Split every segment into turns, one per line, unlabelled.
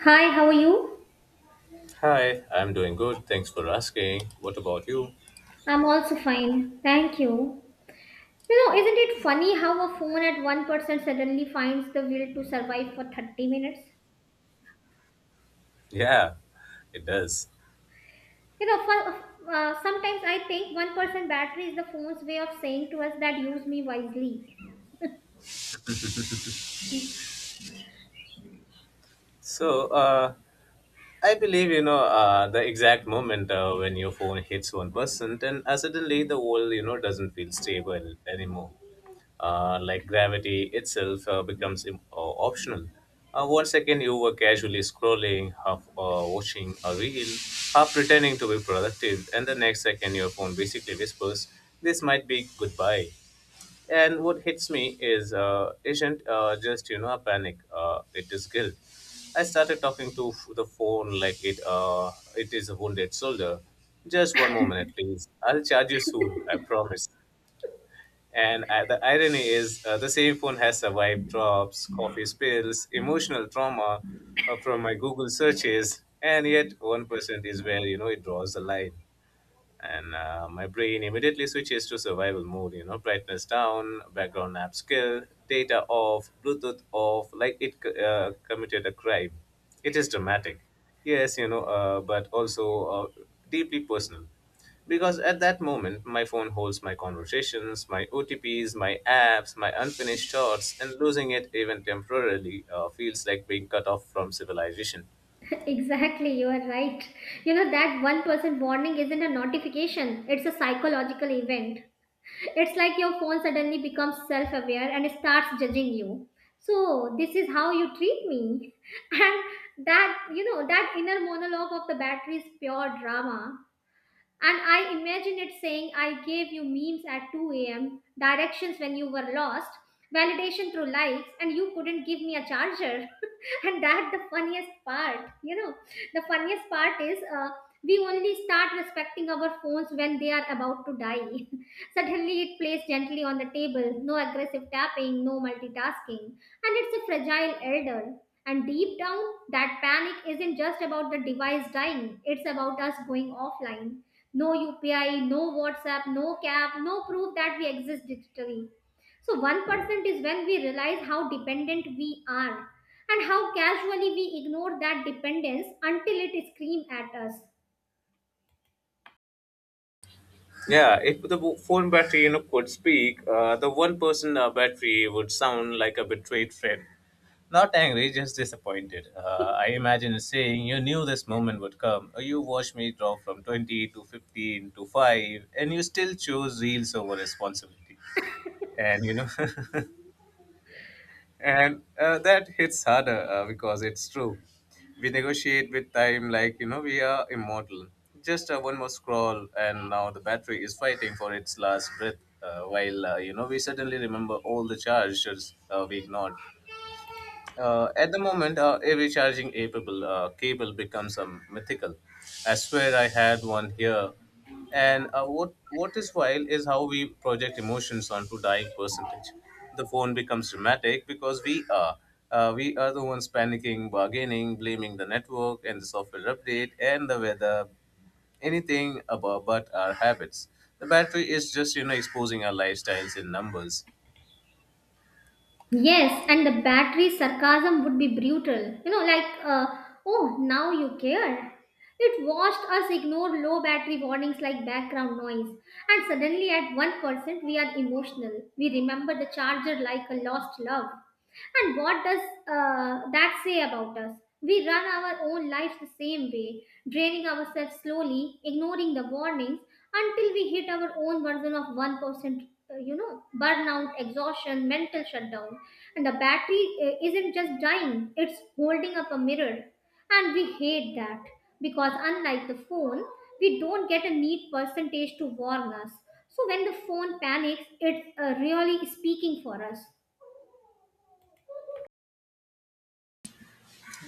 Hi, how are you?
Hi, I'm doing good. Thanks for asking. What about you?
I'm also fine. Thank you. You know, isn't it funny how a phone at 1% suddenly finds the will to survive for 30 minutes?
Yeah, it does.
Sometimes I think 1% battery is the phone's way of saying to us that use me wisely.
So, I believe the exact moment when your phone hits 1%, and suddenly the world doesn't feel stable anymore. Like gravity itself becomes optional. One second you were casually scrolling, half watching a reel, half pretending to be productive, and the next second your phone basically whispers, "This might be goodbye." And what hits me is isn't just a panic. It is guilt. I started talking to the phone like it is a wounded soldier. Just one more minute, please. I'll charge you soon. I promise. And the irony is, the same phone has survived drops, coffee spills, emotional trauma from my Google searches, and yet 1% is where it draws the line. And uh, my brain immediately switches to survival mode, brightness down, background app skill, data off, bluetooth off, like it committed a crime. It is dramatic, yes, but also deeply personal, because at that moment my phone holds my conversations, my otps, my apps, my unfinished thoughts, and losing it even temporarily feels like being cut off from civilization.
Exactly, you are right. You know, that 1% warning isn't a notification, it's a psychological event. It's like your phone suddenly becomes self aware and starts judging you. So, this is how you treat me. And that, you know, that inner monologue of the battery is pure drama. And I imagine it saying, I gave you memes at 2 a.m., directions when you were lost, validation through likes, and you couldn't give me a charger. And that's the funniest part. You know, the funniest part is We only start respecting our phones when they are about to die. Suddenly, it plays gently on the table, no aggressive tapping, no multitasking. And it's a fragile elder. And deep down, that panic isn't just about the device dying, it's about us going offline. No UPI, no WhatsApp, no CAP, no proof that we exist digitally. So 1% is when we realize how dependent we are and how casually we ignore that dependence until it screams at us.
Yeah, if the phone battery could speak, the one person battery would sound like a betrayed friend. Not angry, just disappointed. I imagine it saying, "You knew this moment would come. You watched me drop from 20 to 15 to five, and you still chose reels over responsibility." And you know. And that hits harder because it's true. We negotiate with time like, we are immortal. Just one more scroll, and now the battery is fighting for its last breath, while we suddenly remember all the charges we ignored. At the moment, every charging capable cable becomes a mythical. I swear I had one here. And what is wild is how we project emotions onto dying percentage. The phone becomes dramatic because we are the ones panicking, bargaining, blaming the network and the software update and the weather, anything about but our habits. The battery is just exposing our lifestyles in numbers.
Yes, and the battery sarcasm would be brutal. Oh, now you care. It watched us ignore low battery warnings like background noise, and suddenly at 1% we are emotional. We remember the charger like a lost love. And what does that say about us? We run our own lives the same way, draining ourselves slowly, ignoring the warnings until we hit our own version of 1%, you know, burnout, exhaustion, mental shutdown. And the battery isn't just dying, it's holding up a mirror. And we hate that because, unlike the phone, we don't get a neat percentage to warn us. So when the phone panics, it's really speaking for us.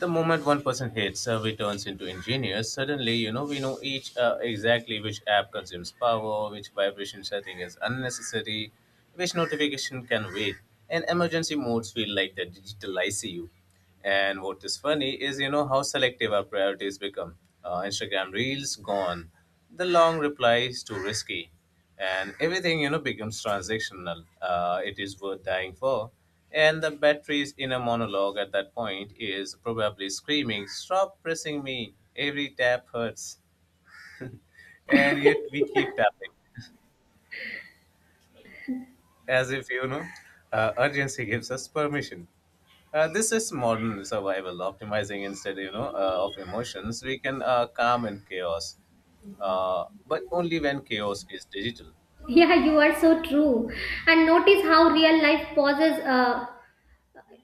The moment one person hits survey turns into engineers. Suddenly we know each exactly which app consumes power, which vibration setting is unnecessary, which notification can wait. And emergency modes feel like the digital icu. And what is funny is, how selective our priorities become. Instagram reels gone, the long replies too risky, and everything becomes transactional. It is worth dying for. And the battery's inner monologue at that point is probably screaming, "Stop pressing me, every tap hurts." And yet we keep tapping, as if, urgency gives us permission. This is modern survival, optimizing instead, of emotions. We can calm in chaos, but only when chaos is digital.
Yeah, you are so true. And notice how real life pauses.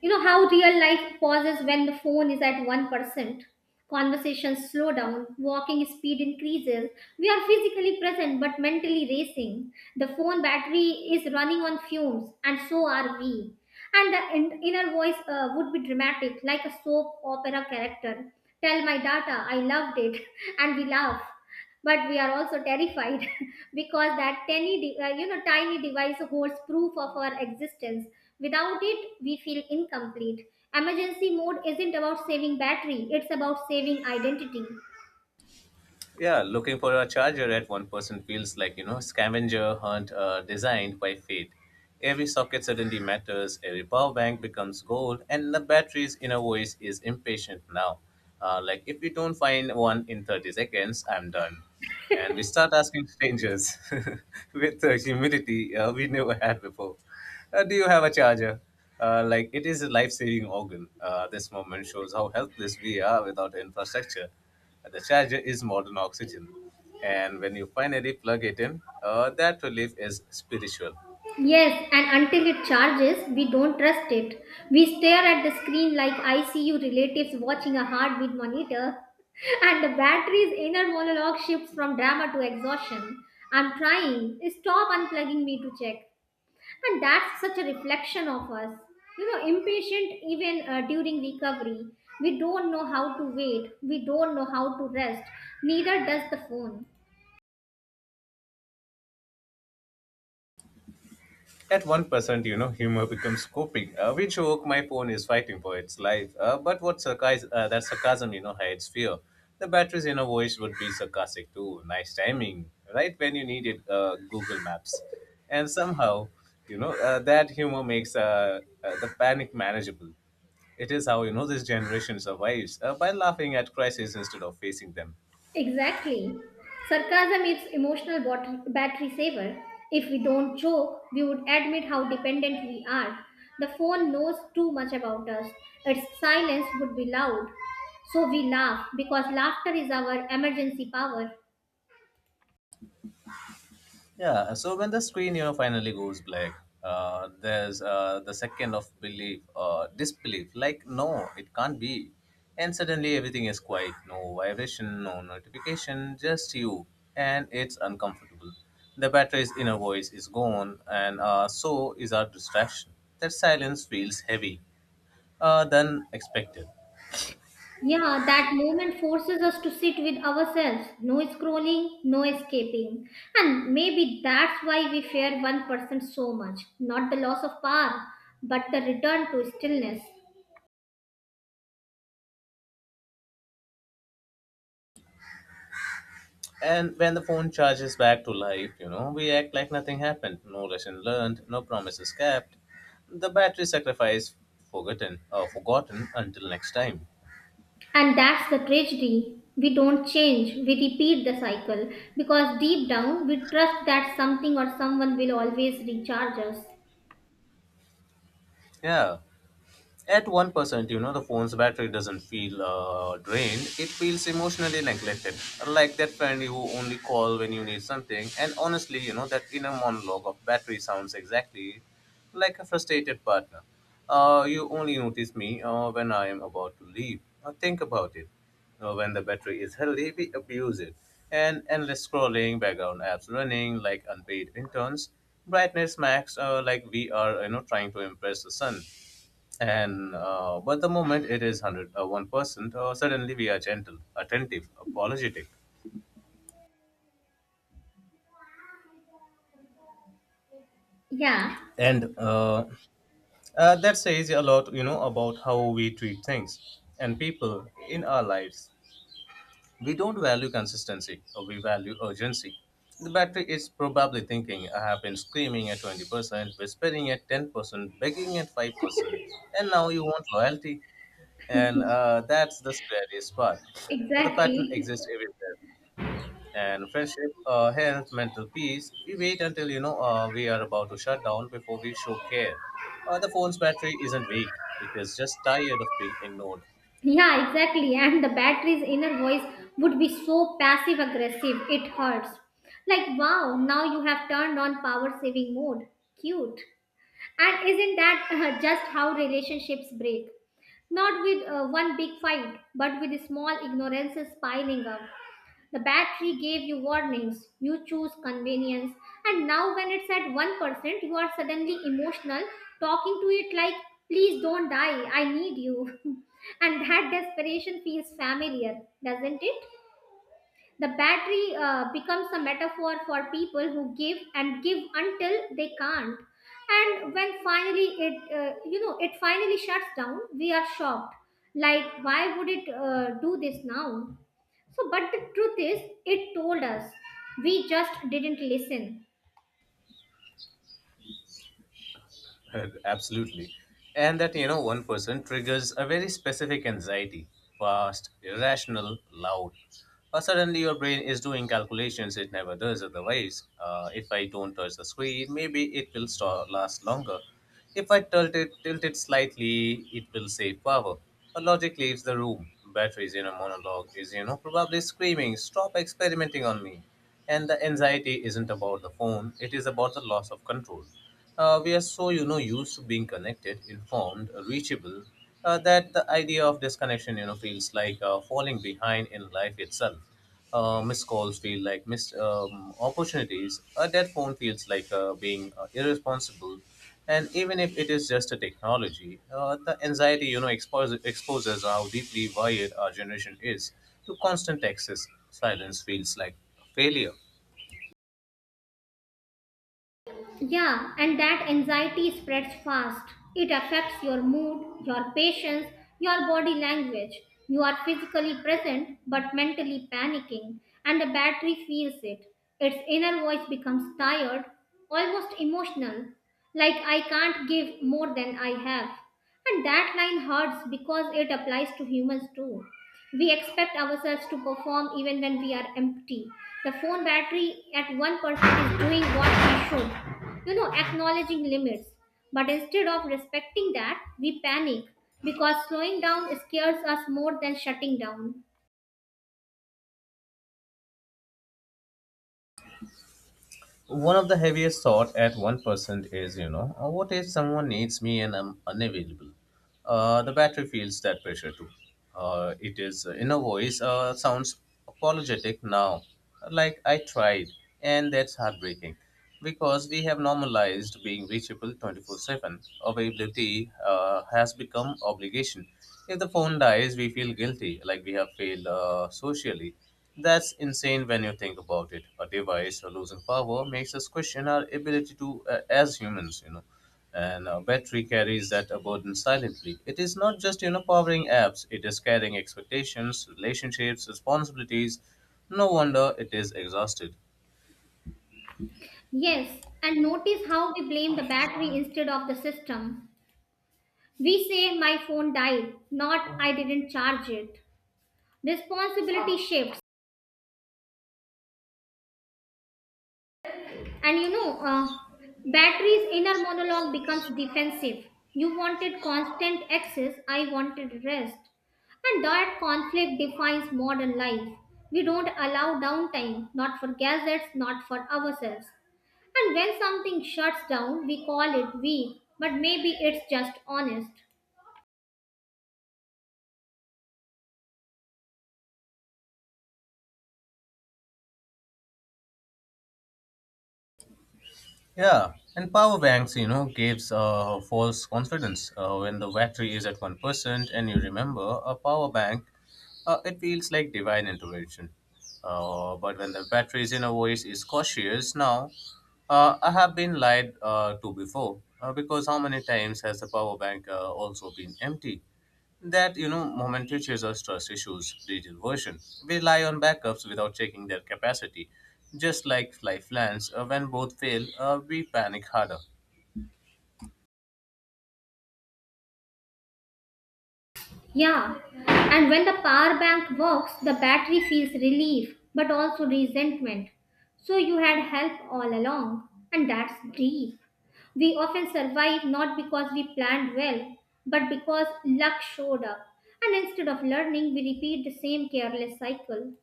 You know how real life pauses when the phone is at 1%. Conversations slow down, walking speed increases. We are physically present but mentally racing. The phone battery is running on fumes, and so are we. And the inner voice would be dramatic, like a soap opera character. Tell my data, I loved it, and we laugh but we are also terrified. Because that you know, tiny device holds proof of our existence. Without it we feel incomplete. Emergency mode isn't about saving battery, it's about saving identity.
Yeah, looking for a charger at one person feels like, scavenger hunt designed by fate. Every socket suddenly matters, every power bank becomes gold, and the battery's inner voice is impatient now. Like, if we don't find one in 30 seconds, I'm done. And we start asking strangers with the humidity we never had before. Do you have a charger? Like it is a life-saving organ. This moment shows how helpless we are without infrastructure. The charger is modern oxygen, and when you finally plug it in, that relief is spiritual.
Yes, and until it charges we don't trust it. We stare at the screen like ICU relatives watching a heartbeat monitor. And the battery's inner monologue shifts from drama to exhaustion. I'm trying. Stop unplugging me to check. And that's such a reflection of us, you know, impatient even during recovery. We don't know how to wait, we don't know how to rest. Neither does the phone.
At 1%, humor becomes coping. We joke, my phone is fighting for its life. But that sarcasm, hides fear. The batteries in a voice would be sarcastic too. Nice timing, right when you need it. Google Maps. And somehow, that humor makes the panic manageable. It is how, this generation survives by laughing at crises instead of facing them.
Exactly. Sarcasm is emotional battery saver. If we don't joke we would admit how dependent we are. The phone knows too much about us. Its silence would be loud. So we laugh because laughter is our emergency power.
Yeah, so when the screen, finally goes black, there's the second of disbelief. Like, no, it can't be. And suddenly everything is quiet. No vibration, no notification, just you. And it's uncomfortable. The battery's inner voice is gone, and so is our distraction. That silence feels heavy, than expected.
Yeah, that moment forces us to sit with ourselves. No scrolling, no escaping. And maybe that's why we fear one person so much. Not the loss of power, but the return to stillness.
And when the phone charges back to life, we act like nothing happened. No lesson learned, no promises kept. The battery sacrifice, forgotten, or forgotten until next time.
And that's the tragedy. We don't change, we repeat the cycle because deep down we trust that something or someone will always recharge us.
Yeah. At 1%, the phone's battery doesn't feel drained. It feels emotionally neglected. Like that friend you only call when you need something. And honestly, that inner monologue of battery sounds exactly like a frustrated partner. You only notice me when I am about to leave. Think about it. When the battery is healthy, we abuse it. And endless scrolling, background apps running like unpaid interns, brightness max, like we are, trying to impress the sun. And but the moment it is 100 1%, suddenly we are gentle, attentive, apologetic,
Yeah,
and that says a lot, about how we treat things and people in our lives. We don't value consistency, or we value urgency. The battery is probably thinking, "I have been screaming at 20%, whispering at 10%, begging at 5%, and now you want loyalty," and that's the scariest part. The pattern
exactly.
exists everywhere, and friendship, health, mental peace. We wait until, we are about to shut down before we show care. The phone's battery isn't weak; it is just tired of being ignored.
Yeah, exactly. And the battery's inner voice would be so passive aggressive, it hurts. Like, wow, now you have turned on power saving mode. Cute. And isn't that just how relationships break? Not with one big fight, but with small ignorances piling up. The battery gave you warnings, you choose convenience, and now when it's at 1%, you are suddenly emotional, talking to it like, please don't die, I need you. And that desperation feels familiar, doesn't it? The battery becomes a metaphor for people who give and give until they can't. And when finally you know, it finally shuts down, we are shocked. Like, why would it do this now? So, but the truth is, it told us. We just didn't listen.
Absolutely, and that, one person triggers a very specific anxiety: fast, irrational, loud. Suddenly, your brain is doing calculations it never does otherwise. If I don't touch the screen, maybe it will last longer. If I tilt it slightly, it will save power. But logic leaves the room. Batteries in a monologue is, probably screaming, "Stop experimenting on me." And the anxiety isn't about the phone, it is about the loss of control. We are so, used to being connected, informed, reachable, that the idea of disconnection, feels like falling behind in life itself. Missed calls feel like missed opportunities. A dead phone feels like being irresponsible. And even if it is just a technology, the anxiety exposes how deeply wired our generation is to constant access. Silence feels like failure.
Yeah, and that anxiety spreads fast. It affects your mood, your patience, your body language. You are physically present but mentally panicking, and the battery feels it. Its inner voice becomes tired, almost emotional, like I can't give more than I have. And that line hurts because it applies to humans too. We expect ourselves to perform even when we are empty. The phone battery at 1% is doing what we should, you know, acknowledging limits. But instead of respecting that, we panic because slowing down scares us more than shutting down.
One of the heaviest thought at 1% is, what if someone needs me and I'm unavailable? The battery feels that pressure too. It is inner voice sounds apologetic now, like I tried, and that's heartbreaking because we have normalized being reachable 24/7. Availability has become obligation. If the phone dies, we feel guilty, like we have failed socially. That's insane when you think about it. A device losing power makes us question our ability to, as humans. And a battery carries that burden silently. It is not just, powering apps. It is carrying expectations, relationships, responsibilities. No wonder it is exhausted.
Yes, and notice how we blame the battery instead of the system. We say, my phone died, not I didn't charge it. Responsibility shift. And battery's inner monologue becomes defensive. You wanted constant access, I wanted rest. And that conflict defines modern life. We don't allow downtime, not for gadgets, not for ourselves. And when something shuts down, we call it weak, but maybe it's just honest.
Yeah, and power banks, gives false confidence. When the battery is at 1%, and you remember a power bank, it feels like divine intervention. But when the battery's inner voice is cautious, now I have been lied to before, because how many times has the power bank also been empty? That, momentary users, trust issues, digital version, rely on backups without checking their capacity, just like lifelines. When both fail, we panic harder.
Yeah, and when the power bank works, the battery feels relief, but also resentment. So you had help all along, and that's deep. We often survive not because we planned well, but because luck showed up. And instead of learning, we repeat the same careless cycle.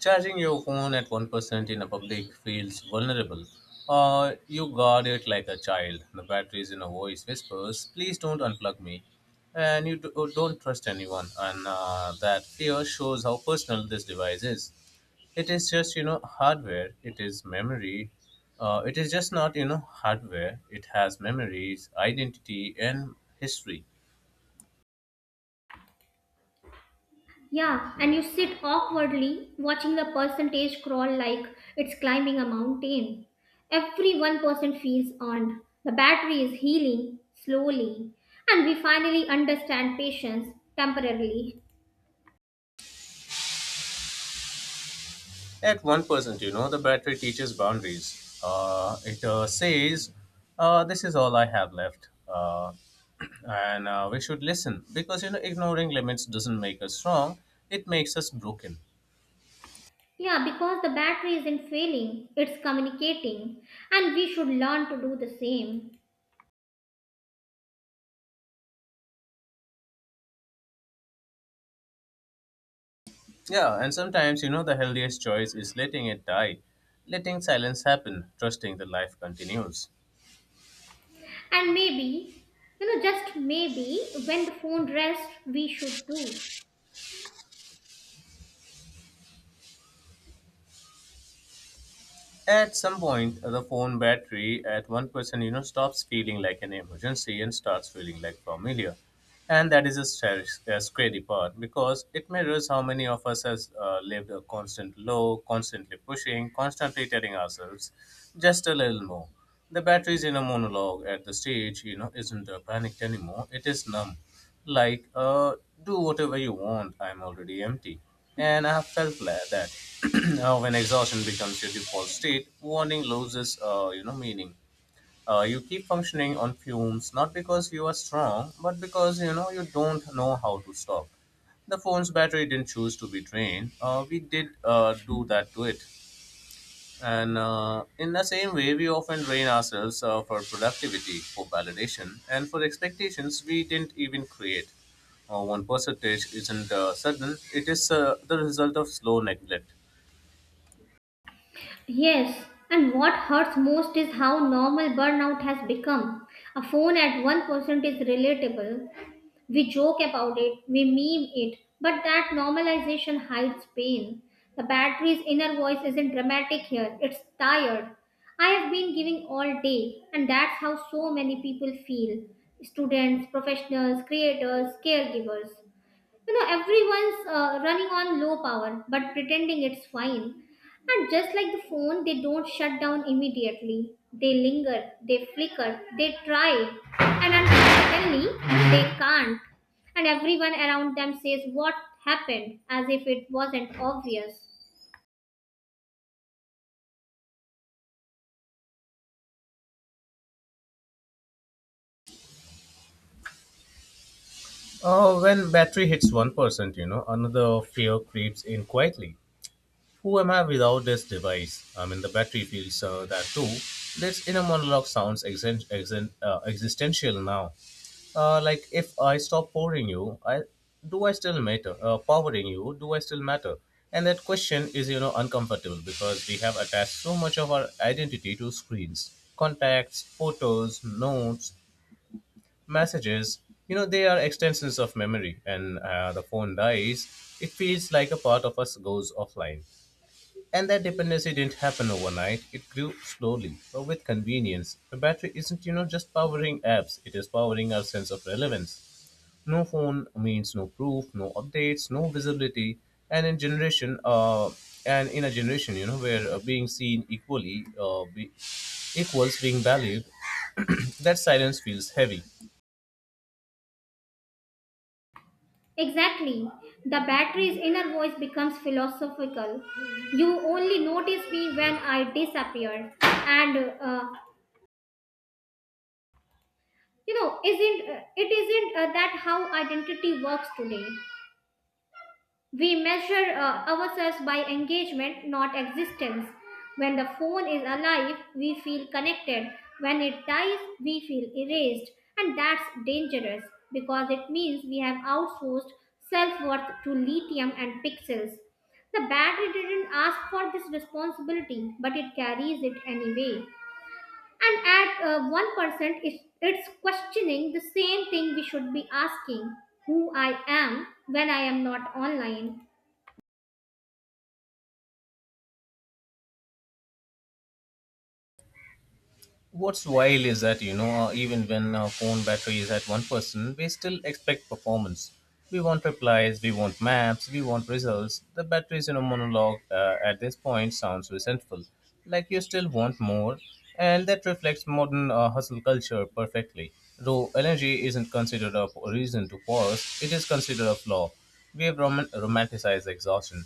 Charging your phone at 1% in a public feels vulnerable. You guard it like a child. The battery in a voice whispers, "Please don't unplug me." And you do, don't trust anyone. And that fear shows how personal this device is. It is just, hardware. It is memory. It is just not, hardware. It has memories, identity, and history.
Yeah, and you sit awkwardly watching the percentage crawl like it's climbing a mountain. Every 1% feels earned. The battery is healing slowly. And we finally understand patience temporarily.
At 1%, the battery teaches boundaries. It says, "This is all I have left." And we should listen because, ignoring limits doesn't make us strong, it makes us broken.
Yeah, because the battery isn't failing, it's communicating. And we should learn to do the same.
Yeah, and sometimes, the healthiest choice is letting it die, letting silence happen, trusting the life continues.
And maybe, you know, just maybe when the phone rests, we should do.
At some point, the phone battery at 1%, you know, stops feeling like an emergency and starts feeling like familiar. And that is a, a scary part because it mirrors how many of us has lived a constant low, constantly pushing, constantly telling ourselves just a little more. The battery's inner monologue at the stage, you know, isn't panicked anymore. It is numb like do whatever you want, I'm already empty. And I have felt that when exhaustion becomes your default state, warning loses you know, meaning. You keep functioning on fumes, not because you are strong, but because you know you don't know how to stop. The phone's battery didn't choose to be drained, we did, do that to it. And in the same way, we often train ourselves for productivity, for validation, and for expectations we didn't even create. One percentage isn't sudden, it is the result of slow neglect.
Yes, and what hurts most is how normal burnout has become. A phone at 1% is relatable. We joke about it, we meme it, but that normalization hides pain. The battery's inner voice isn't dramatic here, it's tired. I have been giving all day, and that's how so many people feel, students, professionals, creators, caregivers. You know, everyone's running on low power but pretending it's fine. And just like the phone, they don't shut down immediately, they linger, they flicker, they try. And unfortunately, they can't. And everyone around them says what happened, as if it wasn't obvious.
When battery hits 1%, you know, another fear creeps in quietly. Who am I without this device? I mean, the battery feels that too. This inner monologue sounds existential now. Like if I stop pouring you, I do I still matter? Powering you, do I still matter? And that question is, you know, uncomfortable because we have attached so much of our identity to screens, contacts, photos, notes, messages. You know, they are extensions of memory, and the phone dies. It feels like a part of us goes offline. And that dependency didn't happen overnight. It grew slowly, but with convenience. The battery isn't, you know, just powering apps, it is powering our sense of relevance. No phone means no proof, no updates, no visibility. And in generation, uh, and in a generation, you know, where being seen equals being valued, that silence feels heavy.
Exactly. The battery's inner voice becomes philosophical. You only notice me when I disappear. And you know isn't it isn't that how identity works today? We measure ourselves by engagement, not existence. When the phone is alive, we feel connected. When it dies, we feel erased. And that's dangerous, because it means we have outsourced self-worth to lithium and pixels. The battery didn't ask for this responsibility, but it carries it anyway. And at 1% it's questioning the same thing we should be asking. Who I am when I am not online.
What's wild is that, you know, even when our phone battery is at 1%, we still expect performance. We want replies, we want maps, we want results. The battery's in a monologue, at this point sounds resentful. Like, you still want more, and that reflects modern hustle culture perfectly. Though energy isn't considered a reason to pause, it is considered a flaw. We have romanticized exhaustion,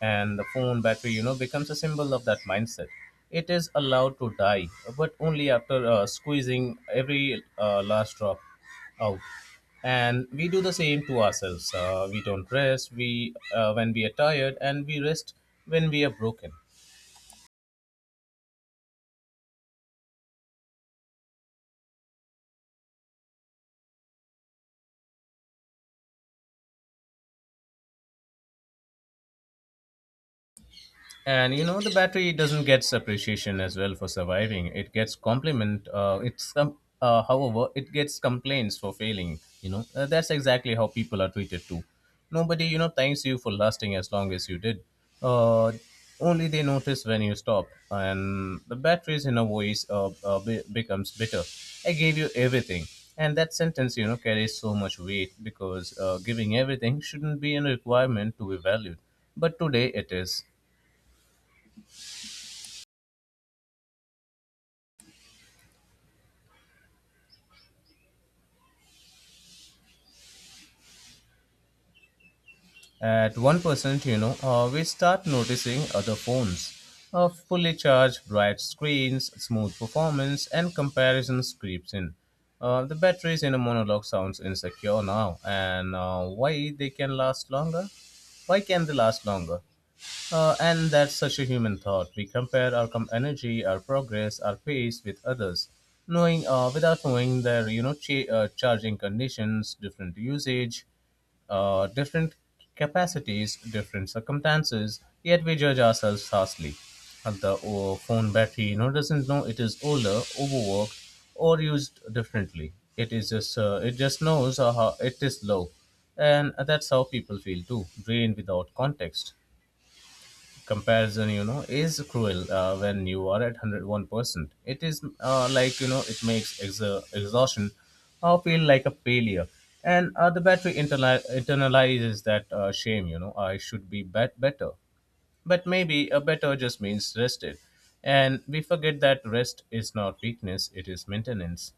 and the phone battery, you know, becomes a symbol of that mindset. It is allowed to die, but only after squeezing every last drop out. And we do the same to ourselves. We don't rest, we when we are tired, and we rest when we are broken. And you know, the battery doesn't get appreciation as well for surviving. It gets compliment it's com- however it gets complaints for failing, you know. That's exactly how people are treated too. Nobody, you know, thanks you for lasting as long as you did, uh, only they notice when you stop. And the battery's in a voice becomes bitter. I gave you everything. And that sentence, you know, carries so much weight because giving everything shouldn't be a requirement to be valued, but today it is. At 1%, you know, we start noticing other phones. A fully charged, bright screens, smooth performance, and comparisons creeps in. The batteries in a monologue sounds insecure now, and why they can last longer? Why can they last longer? And that's such a human thought. We compare our energy, our progress, our pace with others, knowing without knowing their, you know, charging conditions, different usage, different capacities, different circumstances. Yet we judge ourselves harshly. And the phone battery, you know, doesn't know it is older, overworked, or used differently. It is just it just knows how it is low, and that's how people feel too, drained without context. Comparison, you know, is cruel. When you are at 101%, it is like, you know, it makes exhaustion feel like a failure. And the battery internalizes that shame. You know, I should be better. But maybe a better just means rested, and we forget that rest is not weakness, it is maintenance.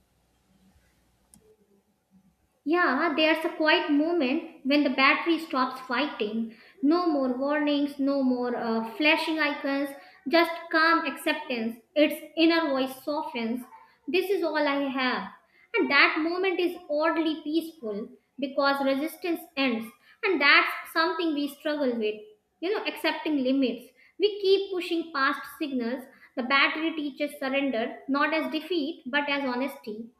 Yeah, there's a quiet moment when the battery stops fighting. No more warnings, no more flashing icons, just calm acceptance. Its inner voice softens. This is all I have. And that moment is oddly peaceful because resistance ends. And that's something we struggle with, you know, accepting limits. We keep pushing past signals. The battery teaches surrender, not as defeat, but as honesty.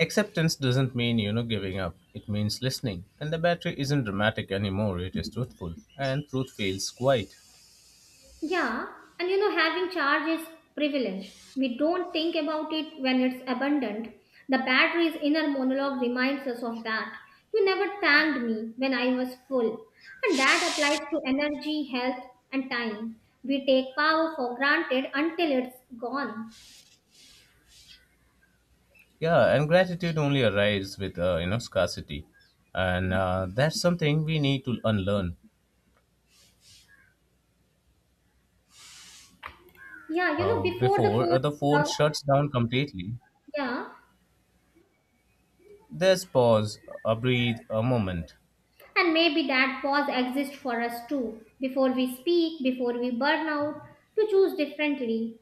Acceptance doesn't mean, you know, giving up, it means listening. And the battery isn't dramatic anymore, it is truthful, and truth feels quiet.
Yeah, and you know, having charge is privilege. We don't think about it when it's abundant. The battery's inner monologue reminds us of that. You never thanked me when I was full. And that applies to energy, health, and time. We take power for granted until it's gone.
Yeah, and gratitude only arrives with, you know, scarcity. And that's something we need to unlearn.
Yeah, you know, before the
Before
phone,
the phone
uh,
shuts down completely,
yeah,
there's pause, a breathe, a moment.
and maybe that pause exists for us too. Before we speak, before we burn out, to choose differently.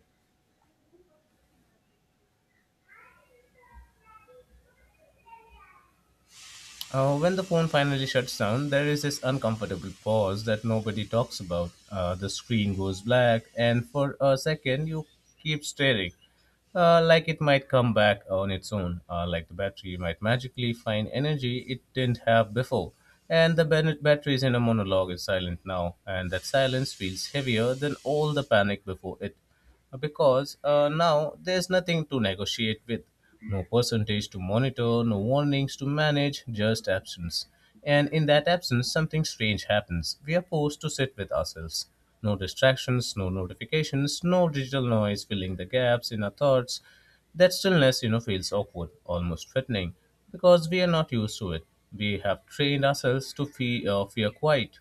When the phone finally shuts down, there is this uncomfortable pause that nobody talks about. The screen goes black, and for a second, you keep staring, like it might come back on its own, like the battery might magically find energy it didn't have before. And the battery's inner monologue is silent now, and that silence feels heavier than all the panic before it, because now there's nothing to negotiate with, no percentage to monitor, no warnings to manage, just absence. And in that absence, something strange happens. We are forced to sit with ourselves. No distractions, no notifications, no digital noise filling the gaps in our thoughts. That stillness, you know, feels awkward, almost threatening, because we are not used to it. We have trained ourselves to fear quiet.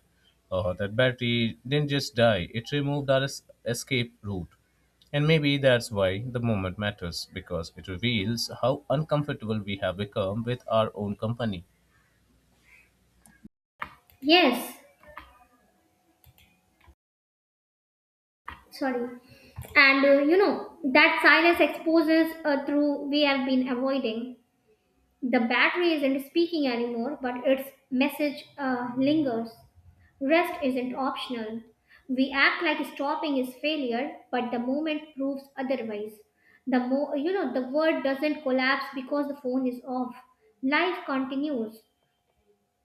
That battery didn't just die; it removed our escape route. And maybe that's why the moment matters, because it reveals how uncomfortable we have become with our own company.
Yes, sorry. And you know, that silence exposes through we have been avoiding. The battery isn't speaking anymore, but its message lingers. Rest isn't optional. We act like stopping is failure, but the moment proves otherwise. The more, you know, the world doesn't collapse because the phone is off. Life continues.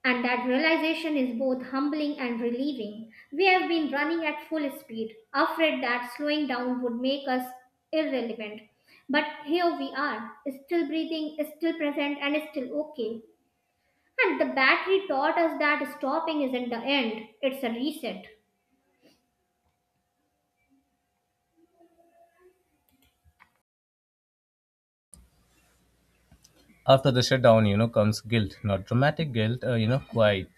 And that realization is both humbling and relieving. We have been running at full speed, afraid that slowing down would make us irrelevant. But here we are, still breathing, still present, and still okay. And the battery taught us that stopping isn't the end, it's a reset.
After the shutdown, you know, comes guilt, not dramatic guilt, you know, quite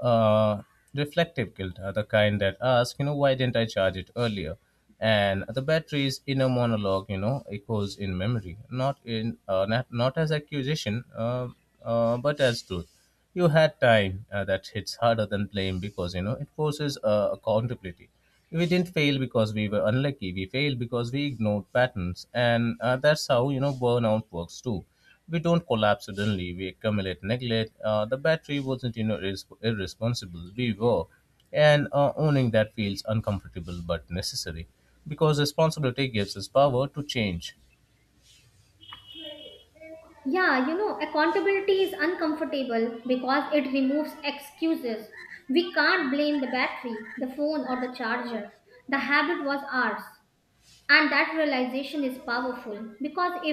uh, reflective guilt, the kind that asks, you know, why didn't I charge it earlier? And the battery's inner monologue, you know, echoes in memory, not in not, not as accusation, but as truth. You had time, that hits harder than blame because, you know, it forces accountability. We didn't fail because we were unlucky, we failed because we ignored patterns. And that's how, you know, burnout works too. We don't collapse suddenly, we accumulate neglect. The battery wasn't, you know, irresponsible, we were. And owning that feels uncomfortable but necessary, because responsibility gives us power to change.
Yeah, you know, accountability is uncomfortable because it removes excuses. We can't blame the battery, the phone, or the charger. The habit was ours. And that realization is powerful because if